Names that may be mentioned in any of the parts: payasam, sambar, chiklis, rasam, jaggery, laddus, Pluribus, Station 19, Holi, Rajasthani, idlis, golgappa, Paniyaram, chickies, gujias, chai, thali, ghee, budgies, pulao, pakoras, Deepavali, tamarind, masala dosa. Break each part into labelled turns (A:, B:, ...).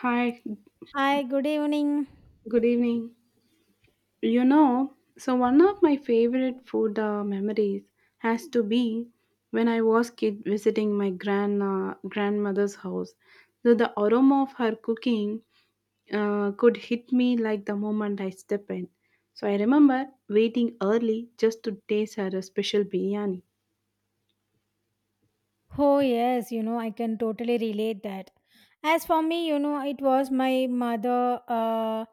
A: Hi,
B: Hi, good evening.
A: good evening. You know, so one of my favorite food memories has to be when I was kid visiting my grandmother's house. So the aroma of her cooking could hit me like the moment I step in. So I remember waiting early just to taste her special biryani.
B: Oh, yes, you know, I can totally relate that. As for me, you know, it was my mother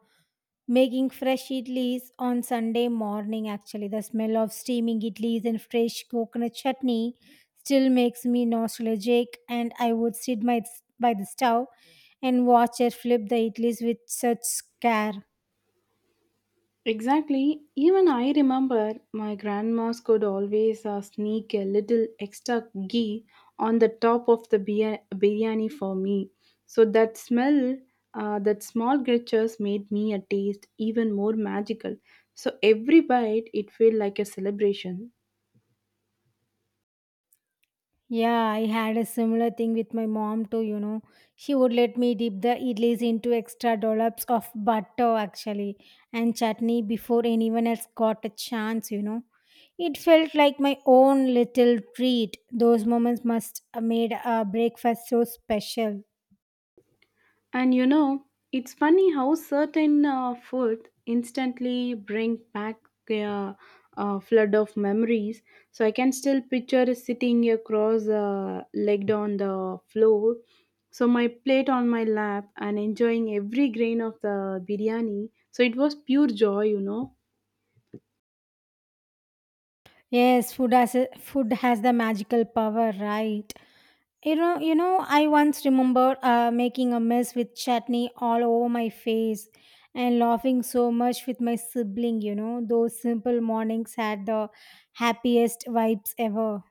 B: making fresh idlis on Sunday morning. Actually, the smell of steaming idlis and fresh coconut chutney still makes me nostalgic, and I would by the stove and watch her flip the idlis with such care.
A: Exactly. Even I remember my grandmas could always sneak a little extra ghee on the top of the biryani for me. So that smell, that small gestures made me a taste even more magical. So every bite, it felt like a celebration.
B: Yeah, I had a similar thing with my mom too, you know. She would let me dip the idlis into extra dollops of butter actually and chutney before anyone else got a chance, you know. It felt like my own little treat. Those moments must have made our breakfast so special.
A: And you know, it's funny how certain food instantly bring back a, a flood of memories. So I can still picture sitting across legged on the floor, so my plate on my lap and enjoying every grain of the biryani. So it was pure joy, you know.
B: Yes, food has the magical power, right? You know, I once remember making a mess with chutney all over my face and laughing so much with my sibling, you know. Those simple mornings had the happiest vibes ever.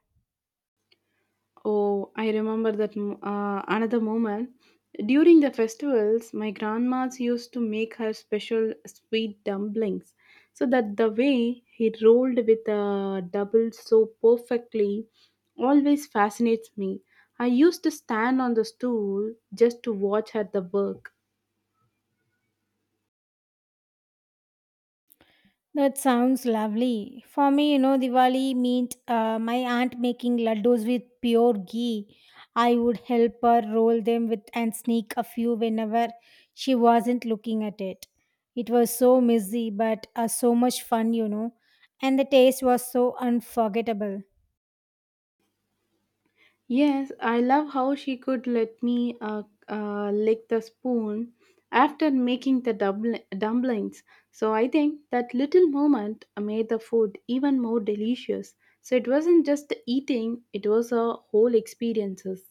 A: Oh, I remember that another moment. During the festivals, my grandma's used to make her special sweet dumplings. So that the way he rolled with the double so perfectly always fascinates me. I used to stand on the stool just to watch her the work.
B: That sounds lovely. For me, you know, Diwali meant my aunt making laddus with pure ghee. I would help her roll them with and sneak a few whenever she wasn't looking at it. It was so messy, but so much fun, you know, and the taste was so unforgettable.
A: Yes, I love how she could let me lick the spoon after making the dumplings. So I think that little moment made the food even more delicious. So it wasn't just the eating, it was a whole experiences.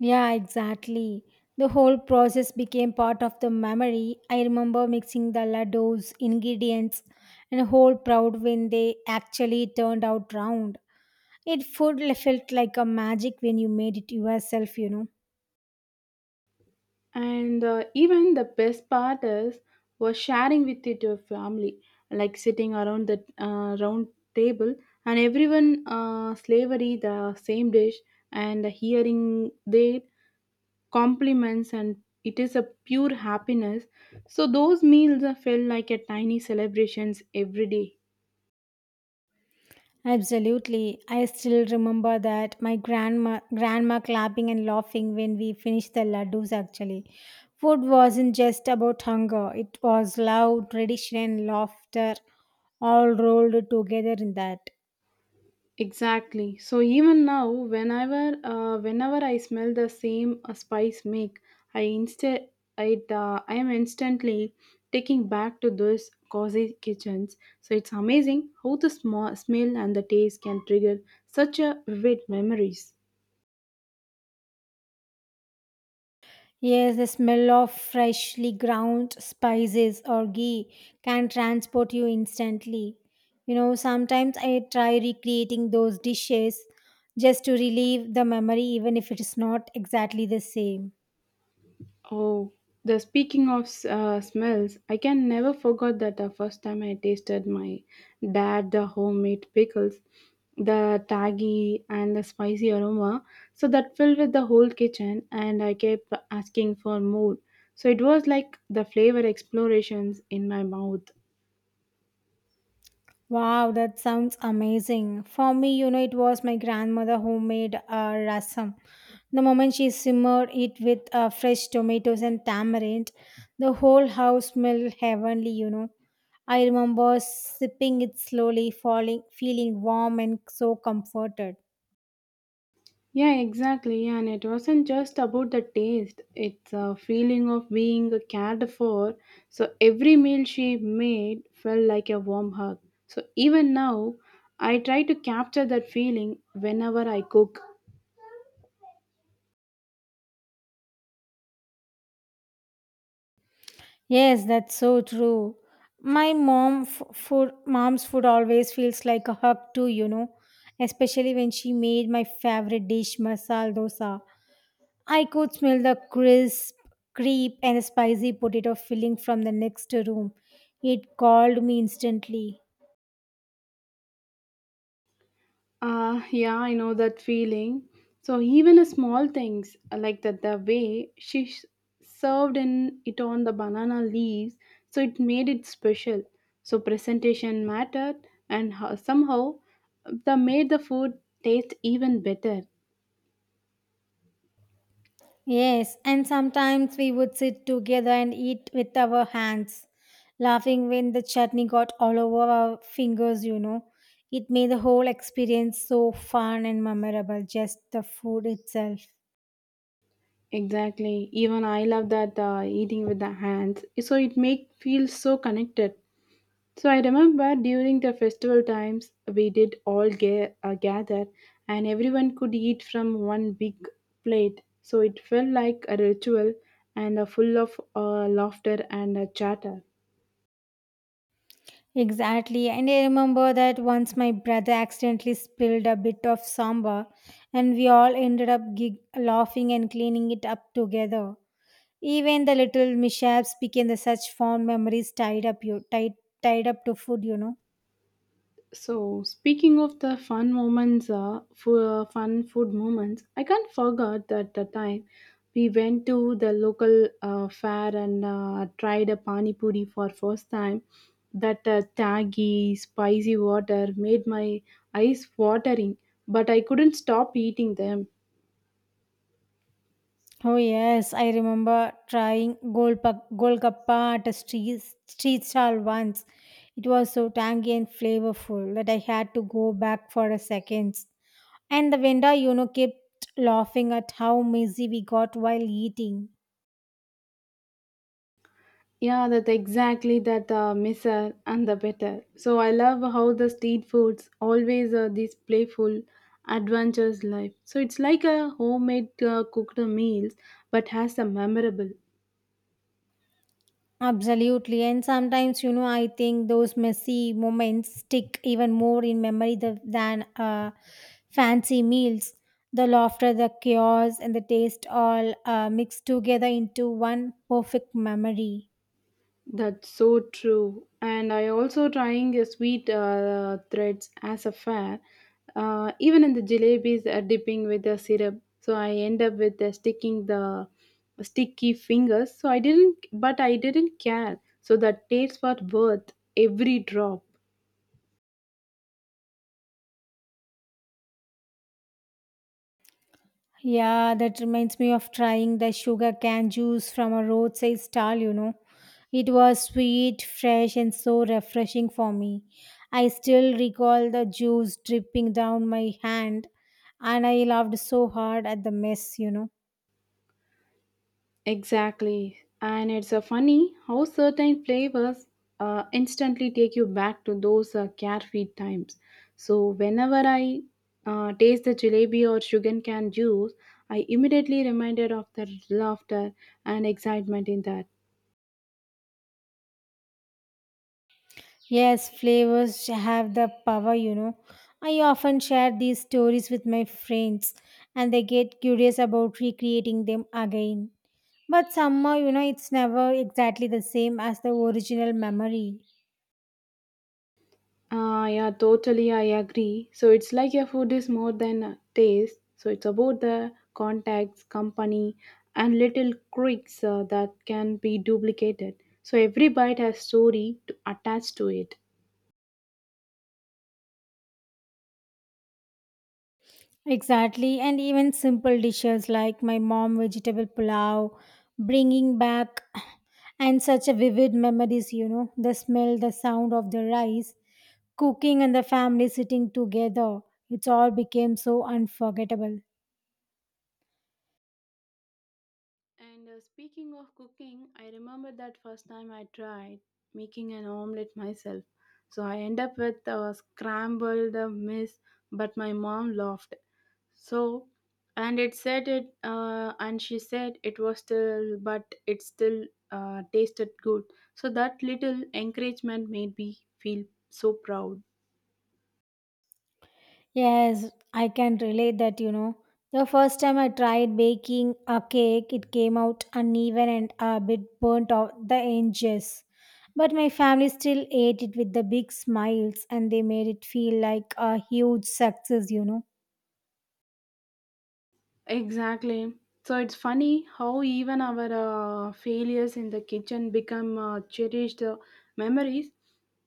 B: Yeah, exactly. The whole process became part of the memory. I remember mixing the laddus, ingredients, and a whole proud when they actually turned out round. It felt like a magic when you made it yourself, you know.
A: And even the best part is was sharing with it your family, like sitting around the round table and everyone slavery the same dish and hearing their compliments, and it is a pure happiness. So those meals are felt like a tiny celebrations every day.
B: Absolutely. I still remember that my grandma clapping and laughing when we finished the laddus actually. Food wasn't just about hunger, it was love, tradition and laughter all rolled together in that.
A: Exactly. So even now, whenever I smell the same spice make, I instead, I, I am instantly taking back to those cozy kitchens. So it's amazing how the small smell and the taste can trigger such a vivid memories.
B: Yes, the smell of freshly ground spices or ghee can transport you instantly. You know, sometimes I try recreating those dishes just to relieve the memory, even if it is not exactly the same.
A: Oh, the speaking of smells, I can never forget that the first time I tasted my dad the homemade pickles, the taggy and the spicy aroma. So that filled with the whole kitchen, and I kept asking for more. So it was like the flavor explorations in my mouth.
B: Wow, that sounds amazing. For me, you know, it was my grandmother who made rasam. The moment she simmered it with fresh tomatoes and tamarind, the whole house smelled heavenly, you know. I remember sipping it slowly, falling, feeling warm and so comforted.
A: Yeah, exactly. Yeah, and it wasn't just about the taste, it's a feeling of being cared for. So every meal she made felt like a warm hug. So even now, I try to capture that feeling whenever I cook.
B: Yes, that's so true. My mom f- food, mom's food always feels like a hug too, you know, especially when she made my favorite dish, masala dosa. I could smell the crisp, creep, and spicy potato filling from the next room. It called me instantly.
A: Yeah, I know that feeling. So even a small things like that, the way served in it on the banana leaves, so it made it special. So presentation mattered, and somehow the made the food taste even better.
B: Yes, and sometimes we would sit together and eat with our hands, laughing when the chutney got all over our fingers, you know. It made the whole experience so fun and memorable, just the food itself.
A: Exactly. Even I love that eating with the hands. So it make feel so connected. So I remember during the festival times, we did all gather and everyone could eat from one big plate. So it felt like a ritual and full of laughter and chatter.
B: Exactly. And I remember that once my brother accidentally spilled a bit of sambar, and we all ended up laughing and cleaning it up together. Even the little mishaps became the such fond memories tied up to food, you know.
A: So, speaking of the fun moments, for fun food moments, I can't forget that the time we went to the local fair and tried a pani puri for first time. That taggy, spicy water made my eyes watering, but I couldn't stop eating them.
B: Oh yes, I remember trying golgappa at a street stall once. It was so tangy and flavorful that I had to go back for a second. And the vendor, you know, kept laughing at how messy we got while eating.
A: Yeah, that exactly that misser and the better. So I love how the street foods always are this playful, adventurous life. So it's like a homemade cooked meals, but has a memorable.
B: Absolutely. And sometimes, you know, I think those messy moments stick even more in memory than fancy meals. The laughter, the chaos, and the taste all mixed together into one perfect memory.
A: That's so true. And I also trying a sweet threads as a fair, even in the jalebis are dipping with the syrup. So I end up with the sticky fingers. So I didn't, but I didn't care. So that taste was worth every drop.
B: Yeah, that reminds me of trying the sugar cane juice from a roadside stall, you know. It was sweet, fresh, and so refreshing for me. I still recall the juice dripping down my hand, and I laughed so hard at the mess, you know.
A: Exactly. And it's funny how certain flavors instantly take you back to those carefree times. So, whenever I taste the jalebi or sugar cane juice, I immediately reminded of the laughter and excitement in that.
B: Yes, flavors have the power, you know. I often share these stories with my friends, and they get curious about recreating them again. But somehow, you know, it's never exactly the same as the original memory.
A: Ah, yeah, totally. I agree. So it's like your food is more than a taste. So it's about the contacts, company, and little quirks that can be duplicated. So every bite has story to attach to it.
B: Exactly, and even simple dishes like my mom vegetable pulao, bringing back and such a vivid memories, you know, the smell, the sound of the rice, cooking and the family sitting together. It's all became so unforgettable.
A: And speaking of cooking, I remember that first time I tried making an omelette myself. So I end up with a scrambled mess, but my mom laughed. So, and she said it was still, but it still tasted good. So that little encouragement made me feel so proud.
B: Yes, I can relate that, you know. The first time I tried baking a cake, it came out uneven and a bit burnt off the edges. But my family still ate it with the big smiles and they made it feel like a huge success, you know.
A: Exactly. So it's funny how even our failures in the kitchen become cherished memories.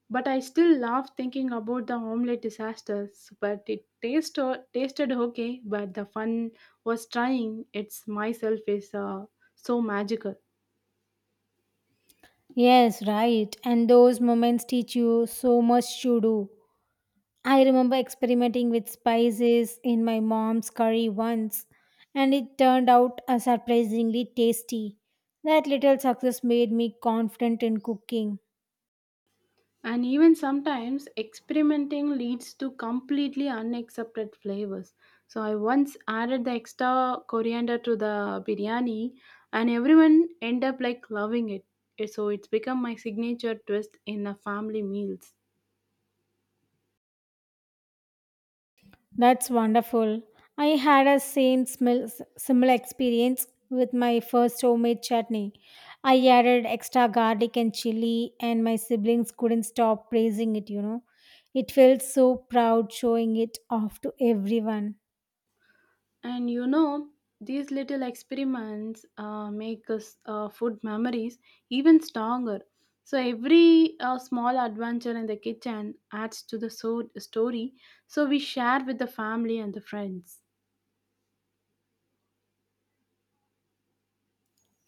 A: But I still laugh thinking about the omelette disasters. But it tasted okay, but the fun was trying. It's myself is so magical.
B: Yes, right. And those moments teach you so much to do. I remember experimenting with spices in my mom's curry once, and it turned out surprisingly tasty. That little success made me confident in cooking.
A: And even sometimes experimenting leads to completely unaccepted flavors. So I once added the extra coriander to the biryani, and everyone end up like loving it. So it's become my signature twist in the family meals.
B: That's wonderful. I had a similar experience with my first homemade chutney. I added extra garlic and chili, and my siblings couldn't stop praising it, you know. It felt so proud showing it off to everyone.
A: And you know, these little experiments make us food memories even stronger. So every small adventure in the kitchen adds to the story. So we share with the family and the friends.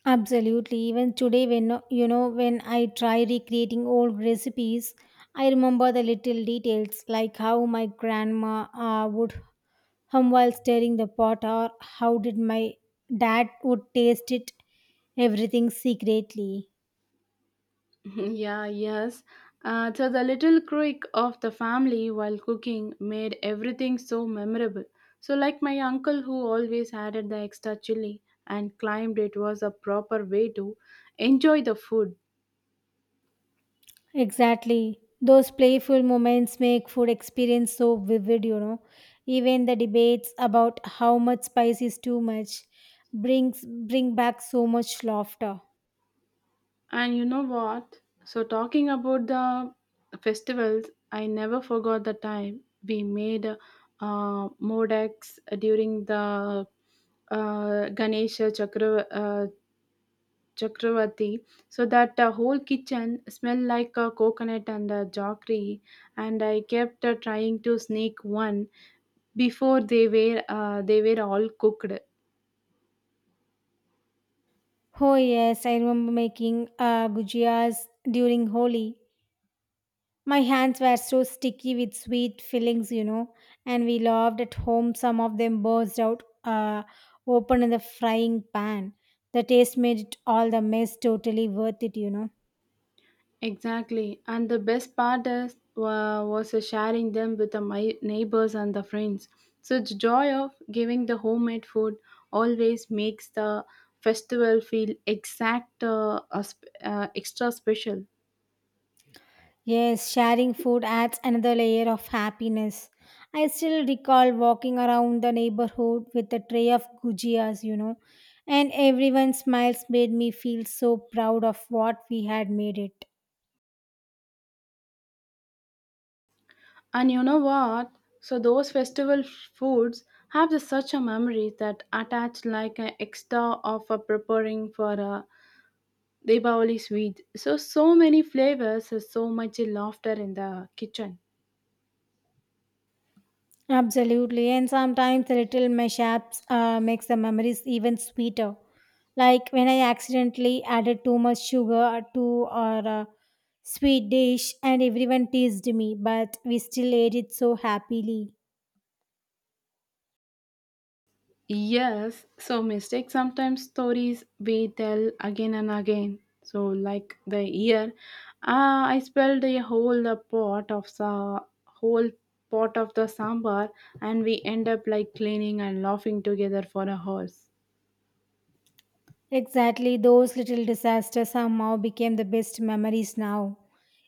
B: Absolutely. Even today, when I try recreating old recipes, I remember the little details like how my grandma would hum while stirring the pot, or how did my dad would taste it, everything secretly.
A: Yeah, yes. So the little quirk of the family while cooking made everything so memorable. So like my uncle who always added the extra chili and claimed it was a proper way to enjoy the food.
B: Exactly. Those playful moments make food experience so vivid, you know. Even the debates about how much spice is too much brings bring back so much laughter.
A: And you know what? So, talking about the festivals, I never forgot the time we made modex during the Ganesha Chakra, Chakravati. So, that whole kitchen smelled like a coconut and a jaggery. And I kept trying to sneak one before they were all cooked.
B: Oh yes, I remember making gujias during Holi. My hands were so sticky with sweet fillings, you know, and we loved at home. Some of them burst out open in the frying pan. The taste made it all the mess totally worth it, you know.
A: Exactly. And the best part is, was sharing them with the my neighbors and the friends. So the joy of giving the homemade food always makes the festival feel extra special.
B: Yes, sharing food adds another layer of happiness. I still recall walking around the neighborhood with a tray of gujias, you know, and everyone's smiles made me feel so proud of what we had made it.
A: And you know what? So those festival foods have the, such a memory that attach like an extra of preparing for a Deepavali sweet. So so many flavors, so much laughter in the kitchen.
B: Absolutely, and sometimes the little mishaps makes the memories even sweeter. Like when I accidentally added too much sugar to our sweet dish, and everyone teased me, but we still ate it so happily.
A: Yes, so mistakes sometimes stories we tell again and again. So, like the year, ah, I spelled a whole pot of the sambar, and we end up like cleaning and laughing together for a horse.
B: Exactly, those little disasters somehow became the best memories now.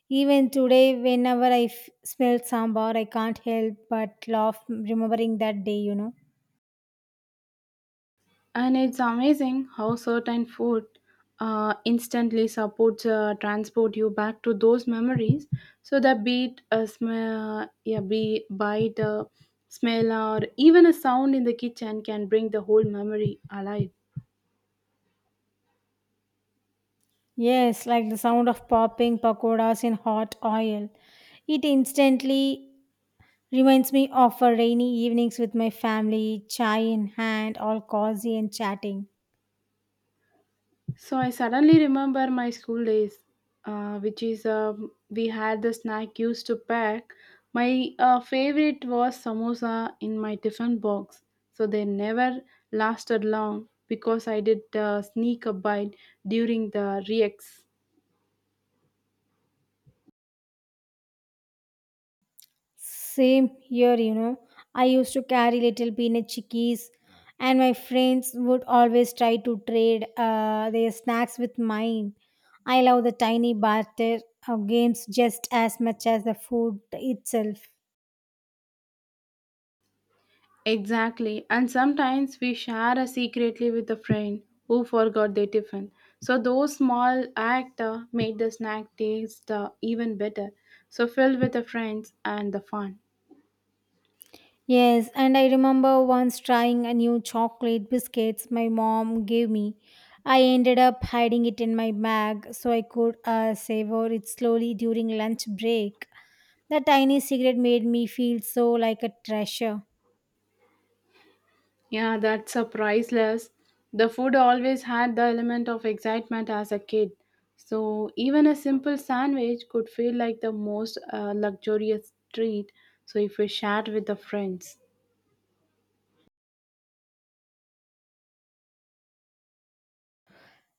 B: Even today, whenever I smell sambar, I can't help but laugh remembering that day, you know.
A: And it's amazing how certain food instantly supports transport you back to those memories. So that beat a smell, yeah, be bite, a smell, or even a sound in the kitchen can bring the whole memory alive.
B: Yes, like the sound of popping pakoras in hot oil. It instantly reminds me of our rainy evenings with my family, chai in hand, all cozy and chatting.
A: So I suddenly remember my school days, which is we had the snack used to pack. My favorite was samosa in my tiffin box. So they never lasted long because I did sneak a bite during the reeks.
B: Same here, you know. I used to carry little peanut chickies, and my friends would always try to trade their snacks with mine. I love the tiny barter of games just as much as the food itself.
A: Exactly, and sometimes we share a secretly with a friend who forgot their tiffin. So those small act made the snack taste even better. So filled with the friends and the fun.
B: Yes, and I remember once trying a new chocolate biscuits my mom gave me. I ended up hiding it in my bag so I could savor it slowly during lunch break. The tiny cigarette made me feel so like a treasure.
A: Yeah, that's a priceless. The food always had the element of excitement as a kid. So even a simple sandwich could feel like the most luxurious treat. So if we shared with the friends.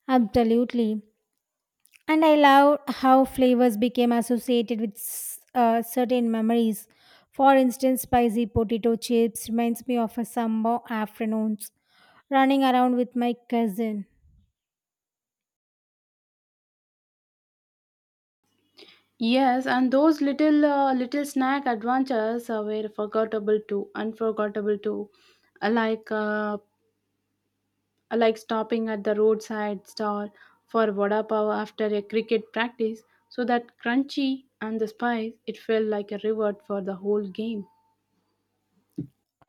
B: Absolutely. And I love how flavors became associated with certain memories. For instance, spicy potato chips reminds me of a summer afternoons running around with my cousin.
A: Yes, and those little snack adventures were unforgettable too. Uh, Like uh, like stopping at the roadside stall for vada pav after a cricket practice, so that crunchy and the spice, it felt like a reward for the whole game.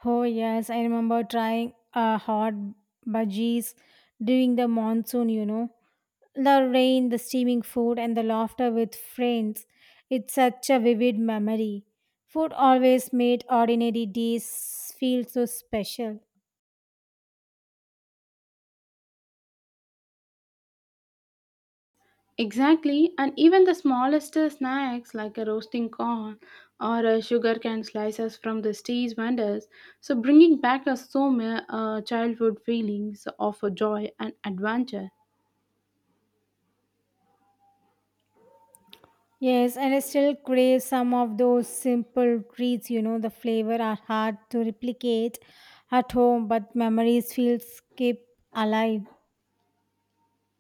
B: Oh, yes, I remember trying hot budgies during the monsoon, you know. The rain, the steaming food, and the laughter with friends. It's such a vivid memory. Food always made ordinary days feel so special.
A: Exactly, and even the smallest snacks like a roasting corn or a sugarcane slices from the street vendors, so bringing back us so many childhood feelings of joy and adventure.
B: Yes, and I still crave some of those simple treats. You know, the flavor are hard to replicate at home, but memories feel keep alive.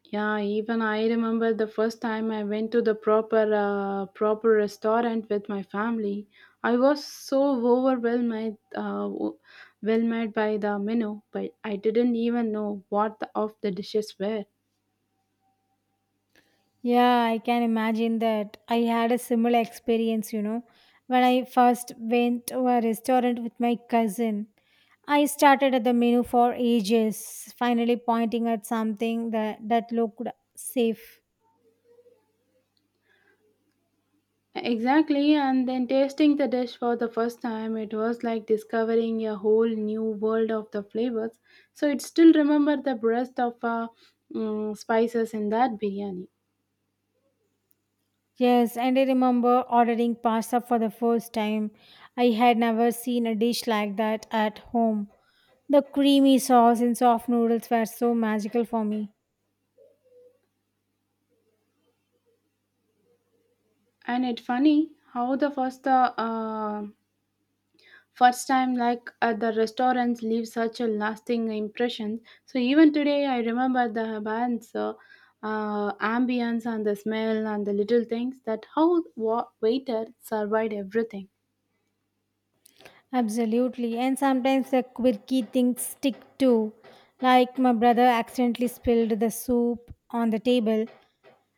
A: Yeah, even I remember the first time I went to the proper restaurant with my family. I was so overwhelmed by the menu, but I didn't even know what the, of the dishes were.
B: Yeah, I can imagine that. I had a similar experience, you know, when I first went to a restaurant with my cousin. I started at the menu for ages, finally pointing at that looked safe.
A: Exactly, and then tasting the dish for the first time, it was like discovering a whole new world of the flavors. So it still remember the breadth of spices in that biryani.
B: Yes, and I remember ordering pasta for the first time. I had never seen a dish like that at home. The creamy sauce and soft noodles were so magical for me.
A: And it's funny how the first time like at the restaurants leave such a lasting impression. So even today, I remember the bands ambience and the smell and the little things that how waiter survived everything.
B: Absolutely. And sometimes the quirky things stick too. Like my brother accidentally spilled the soup on the table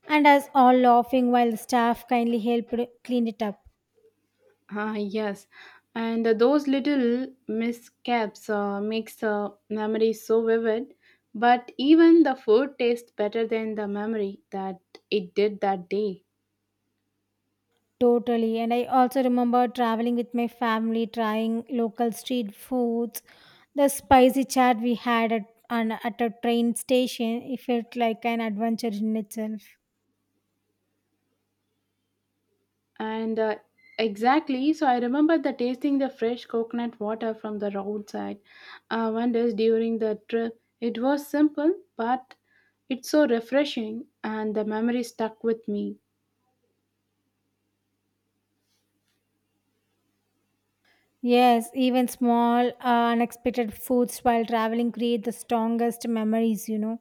B: and us all laughing while the staff kindly helped clean it up.
A: Ah, yes, and those little miscaps makes memories so vivid, but even the food tastes better than the memory that it did that day.
B: Totally. And I also remember traveling with my family, trying local street foods. The spicy chat we had at a train station, it felt like an adventure in itself.
A: And exactly, so I remember the tasting the fresh coconut water from the roadside wonders during the trip. It was simple, but it's so refreshing, and the memory stuck with me.
B: Yes, even small, unexpected foods while traveling create the strongest memories, you know.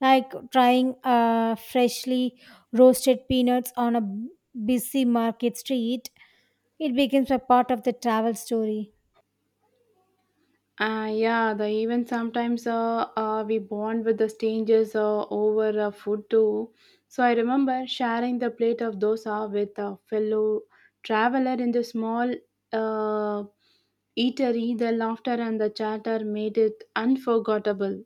B: Like trying freshly roasted peanuts on a busy market street, it becomes a part of the travel story.
A: Yeah, the even sometimes we bond with the strangers over food too. So I remember sharing the plate of dosa with a fellow traveler in the small uh, eatery. The laughter and the chatter made it unforgettable.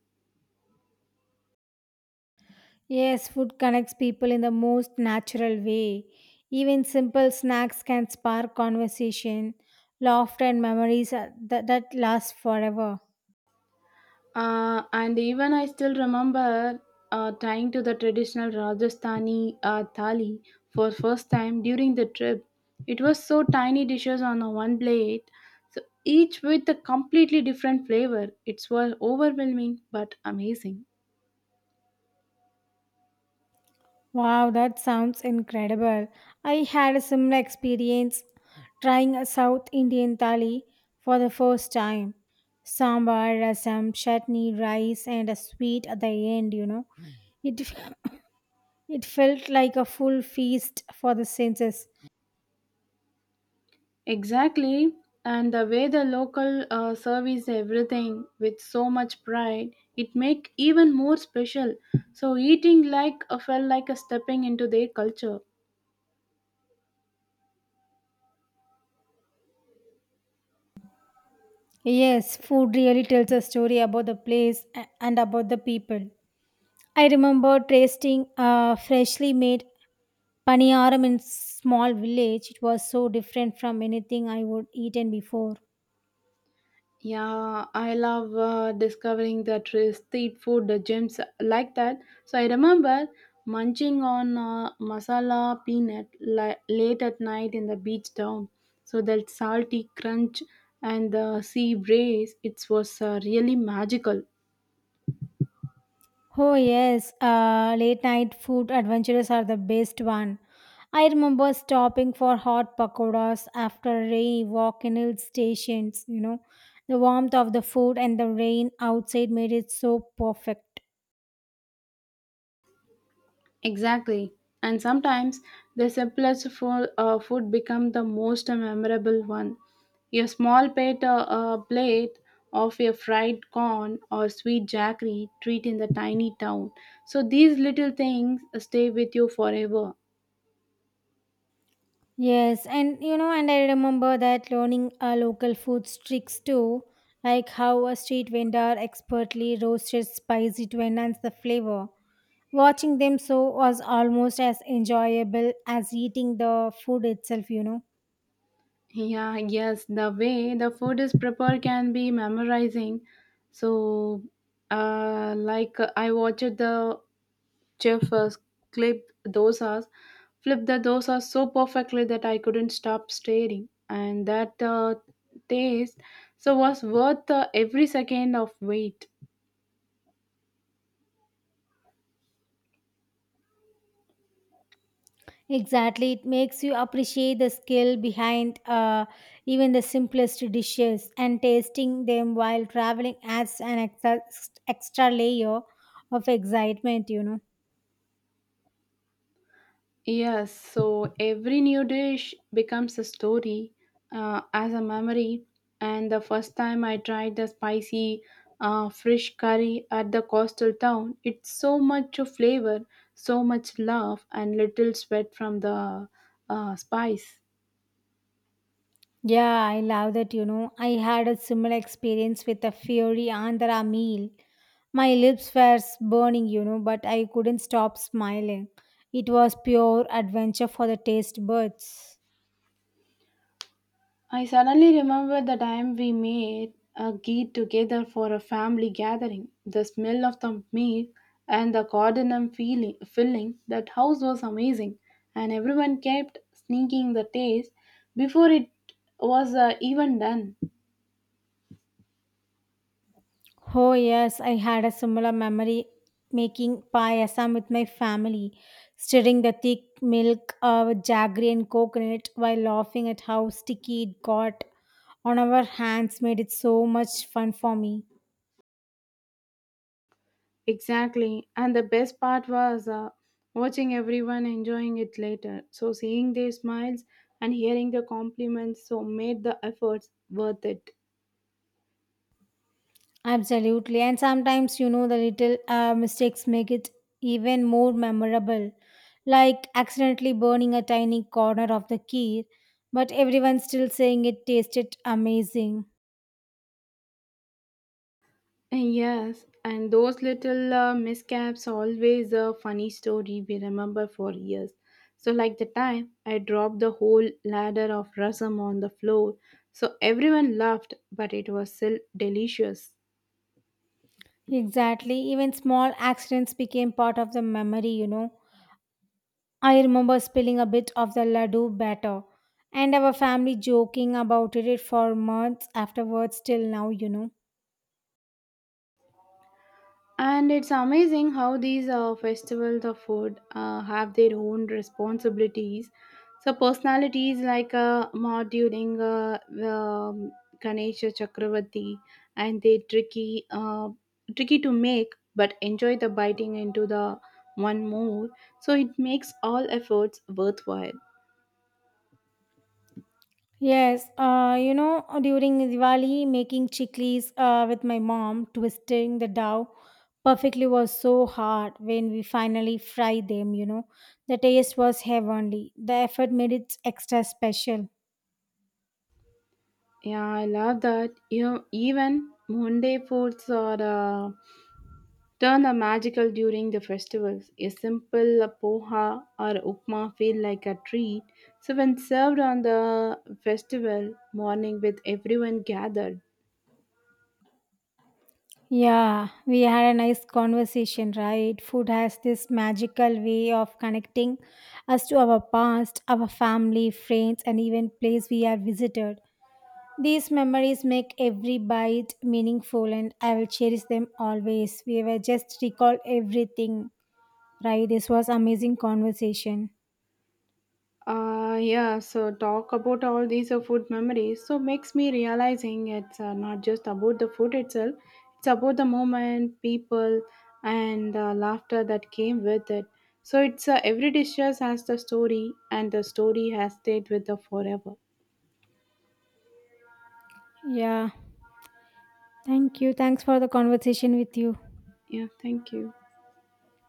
B: Yes, food connects people in the most natural way. Even simple snacks can spark conversation, laughter, and memories that last forever.
A: And even I still remember trying to the traditional Rajasthani thali for first time during the trip. It was so tiny dishes on a one plate, so each with a completely different flavor. It was overwhelming but amazing.
B: Wow, that sounds incredible. I had a similar experience trying a South Indian thali for the first time. Sambar, rasam, chutney, rice, and a sweet at the end, you know. It, it felt like a full feast for the senses.
A: Exactly, and the way the local service everything with so much pride, it make even more special. So eating like felt like a stepping into their culture.
B: Yes, food really tells a story about the place and about the people. I remember tasting a freshly made Paniyaram in small village, it was so different from anything I would eaten before.
A: Yeah, I love discovering the street food gems like that. So I remember munching on masala peanut late at night in the beach town. So that salty crunch and the sea breeze, it was really magical.
B: Oh yes, late night food adventures are the best one. I remember stopping for hot pakoras after a rainy walk in hill stations, you know. The warmth of the food and the rain outside made it so perfect.
A: Exactly. And sometimes the simplest food become the most memorable one. Your small plate, plate of your fried corn or sweet jackery treat in the tiny town. So these little things stay with you forever.
B: Yes, and you know, and I remember that learning our local food tricks too, like how a street vendor expertly roasted spicy to enhance the flavor. Watching them so was almost as enjoyable as eating the food itself, you know.
A: Yeah, yes, the way the food is prepared can be memorizing. So, I watched the Jeff clipped dosas, flipped the dosa so perfectly that I couldn't stop staring, and that taste so was worth every second of wait.
B: Exactly, it makes you appreciate the skill behind even the simplest dishes, and tasting them while traveling adds an extra layer of excitement, you know.
A: Yes, so every new dish becomes a story as a memory. And the first time I tried the spicy fresh curry at the coastal town, it's so much of flavor, so much love, and little sweat from the spice.
B: Yeah, I love that. You know, I had a similar experience with a Fiori Andhra meal. My lips were burning, you know, but I couldn't stop smiling. It was pure adventure for the taste buds.
A: I suddenly remember the time we made a ghee together for a family gathering. The smell of the meat and the cardamom feeling, filling, that house was amazing, and everyone kept sneaking the taste before it was even done.
B: Oh, yes, I had a similar memory making payasam with my family, stirring the thick milk with jaggery and coconut while laughing at how sticky it got on our hands made it so much fun for me.
A: Exactly, and the best part was watching everyone enjoying it later. So, seeing their smiles and hearing the compliments so made the efforts worth it.
B: Absolutely. And sometimes, you know, the little mistakes make it even more memorable, like accidentally burning a tiny corner of the key, but everyone still saying it tasted amazing.
A: Yes, and those little miscaps always a funny story we remember for years. So, like the time I dropped the whole ladder of rasam on the floor, so everyone laughed, but it was still delicious.
B: Exactly. Even small accidents became part of the memory, you know. I remember spilling a bit of the laddu batter and our family joking about it for months afterwards till now, you know.
A: And it's amazing how these festivals of food have their own responsibilities. So personalities like Madhuring, Ganesha Chakravarti, and they tricky, tricky to make, but enjoy the biting into the one more. So it makes all efforts worthwhile.
B: Yes, you know, during Diwali, making chiklis with my mom, twisting the dough perfectly was so hard when we finally fried them, you know. The taste was heavenly. The effort made it extra special.
A: Yeah, I love that. You know, even Monday foods or turn the magical during the festivals. A simple poha or upma feel like a treat. So when served on the festival morning with everyone gathered.
B: Yeah, we had a nice conversation, right? Food has this magical way of connecting us to our past, our family, friends, and even place we are visited. These memories make every bite meaningful and I will cherish them always. We were just recalled everything. Right, this was amazing conversation.
A: Yeah, so talk about all these food memories. So makes me realizing it's not just about the food itself. It's about the moment, people, and the laughter that came with it. So it's every dish has the story, and the story has stayed with the forever.
B: Yeah. Thank you. Thanks for the conversation with you.
A: Yeah, thank you.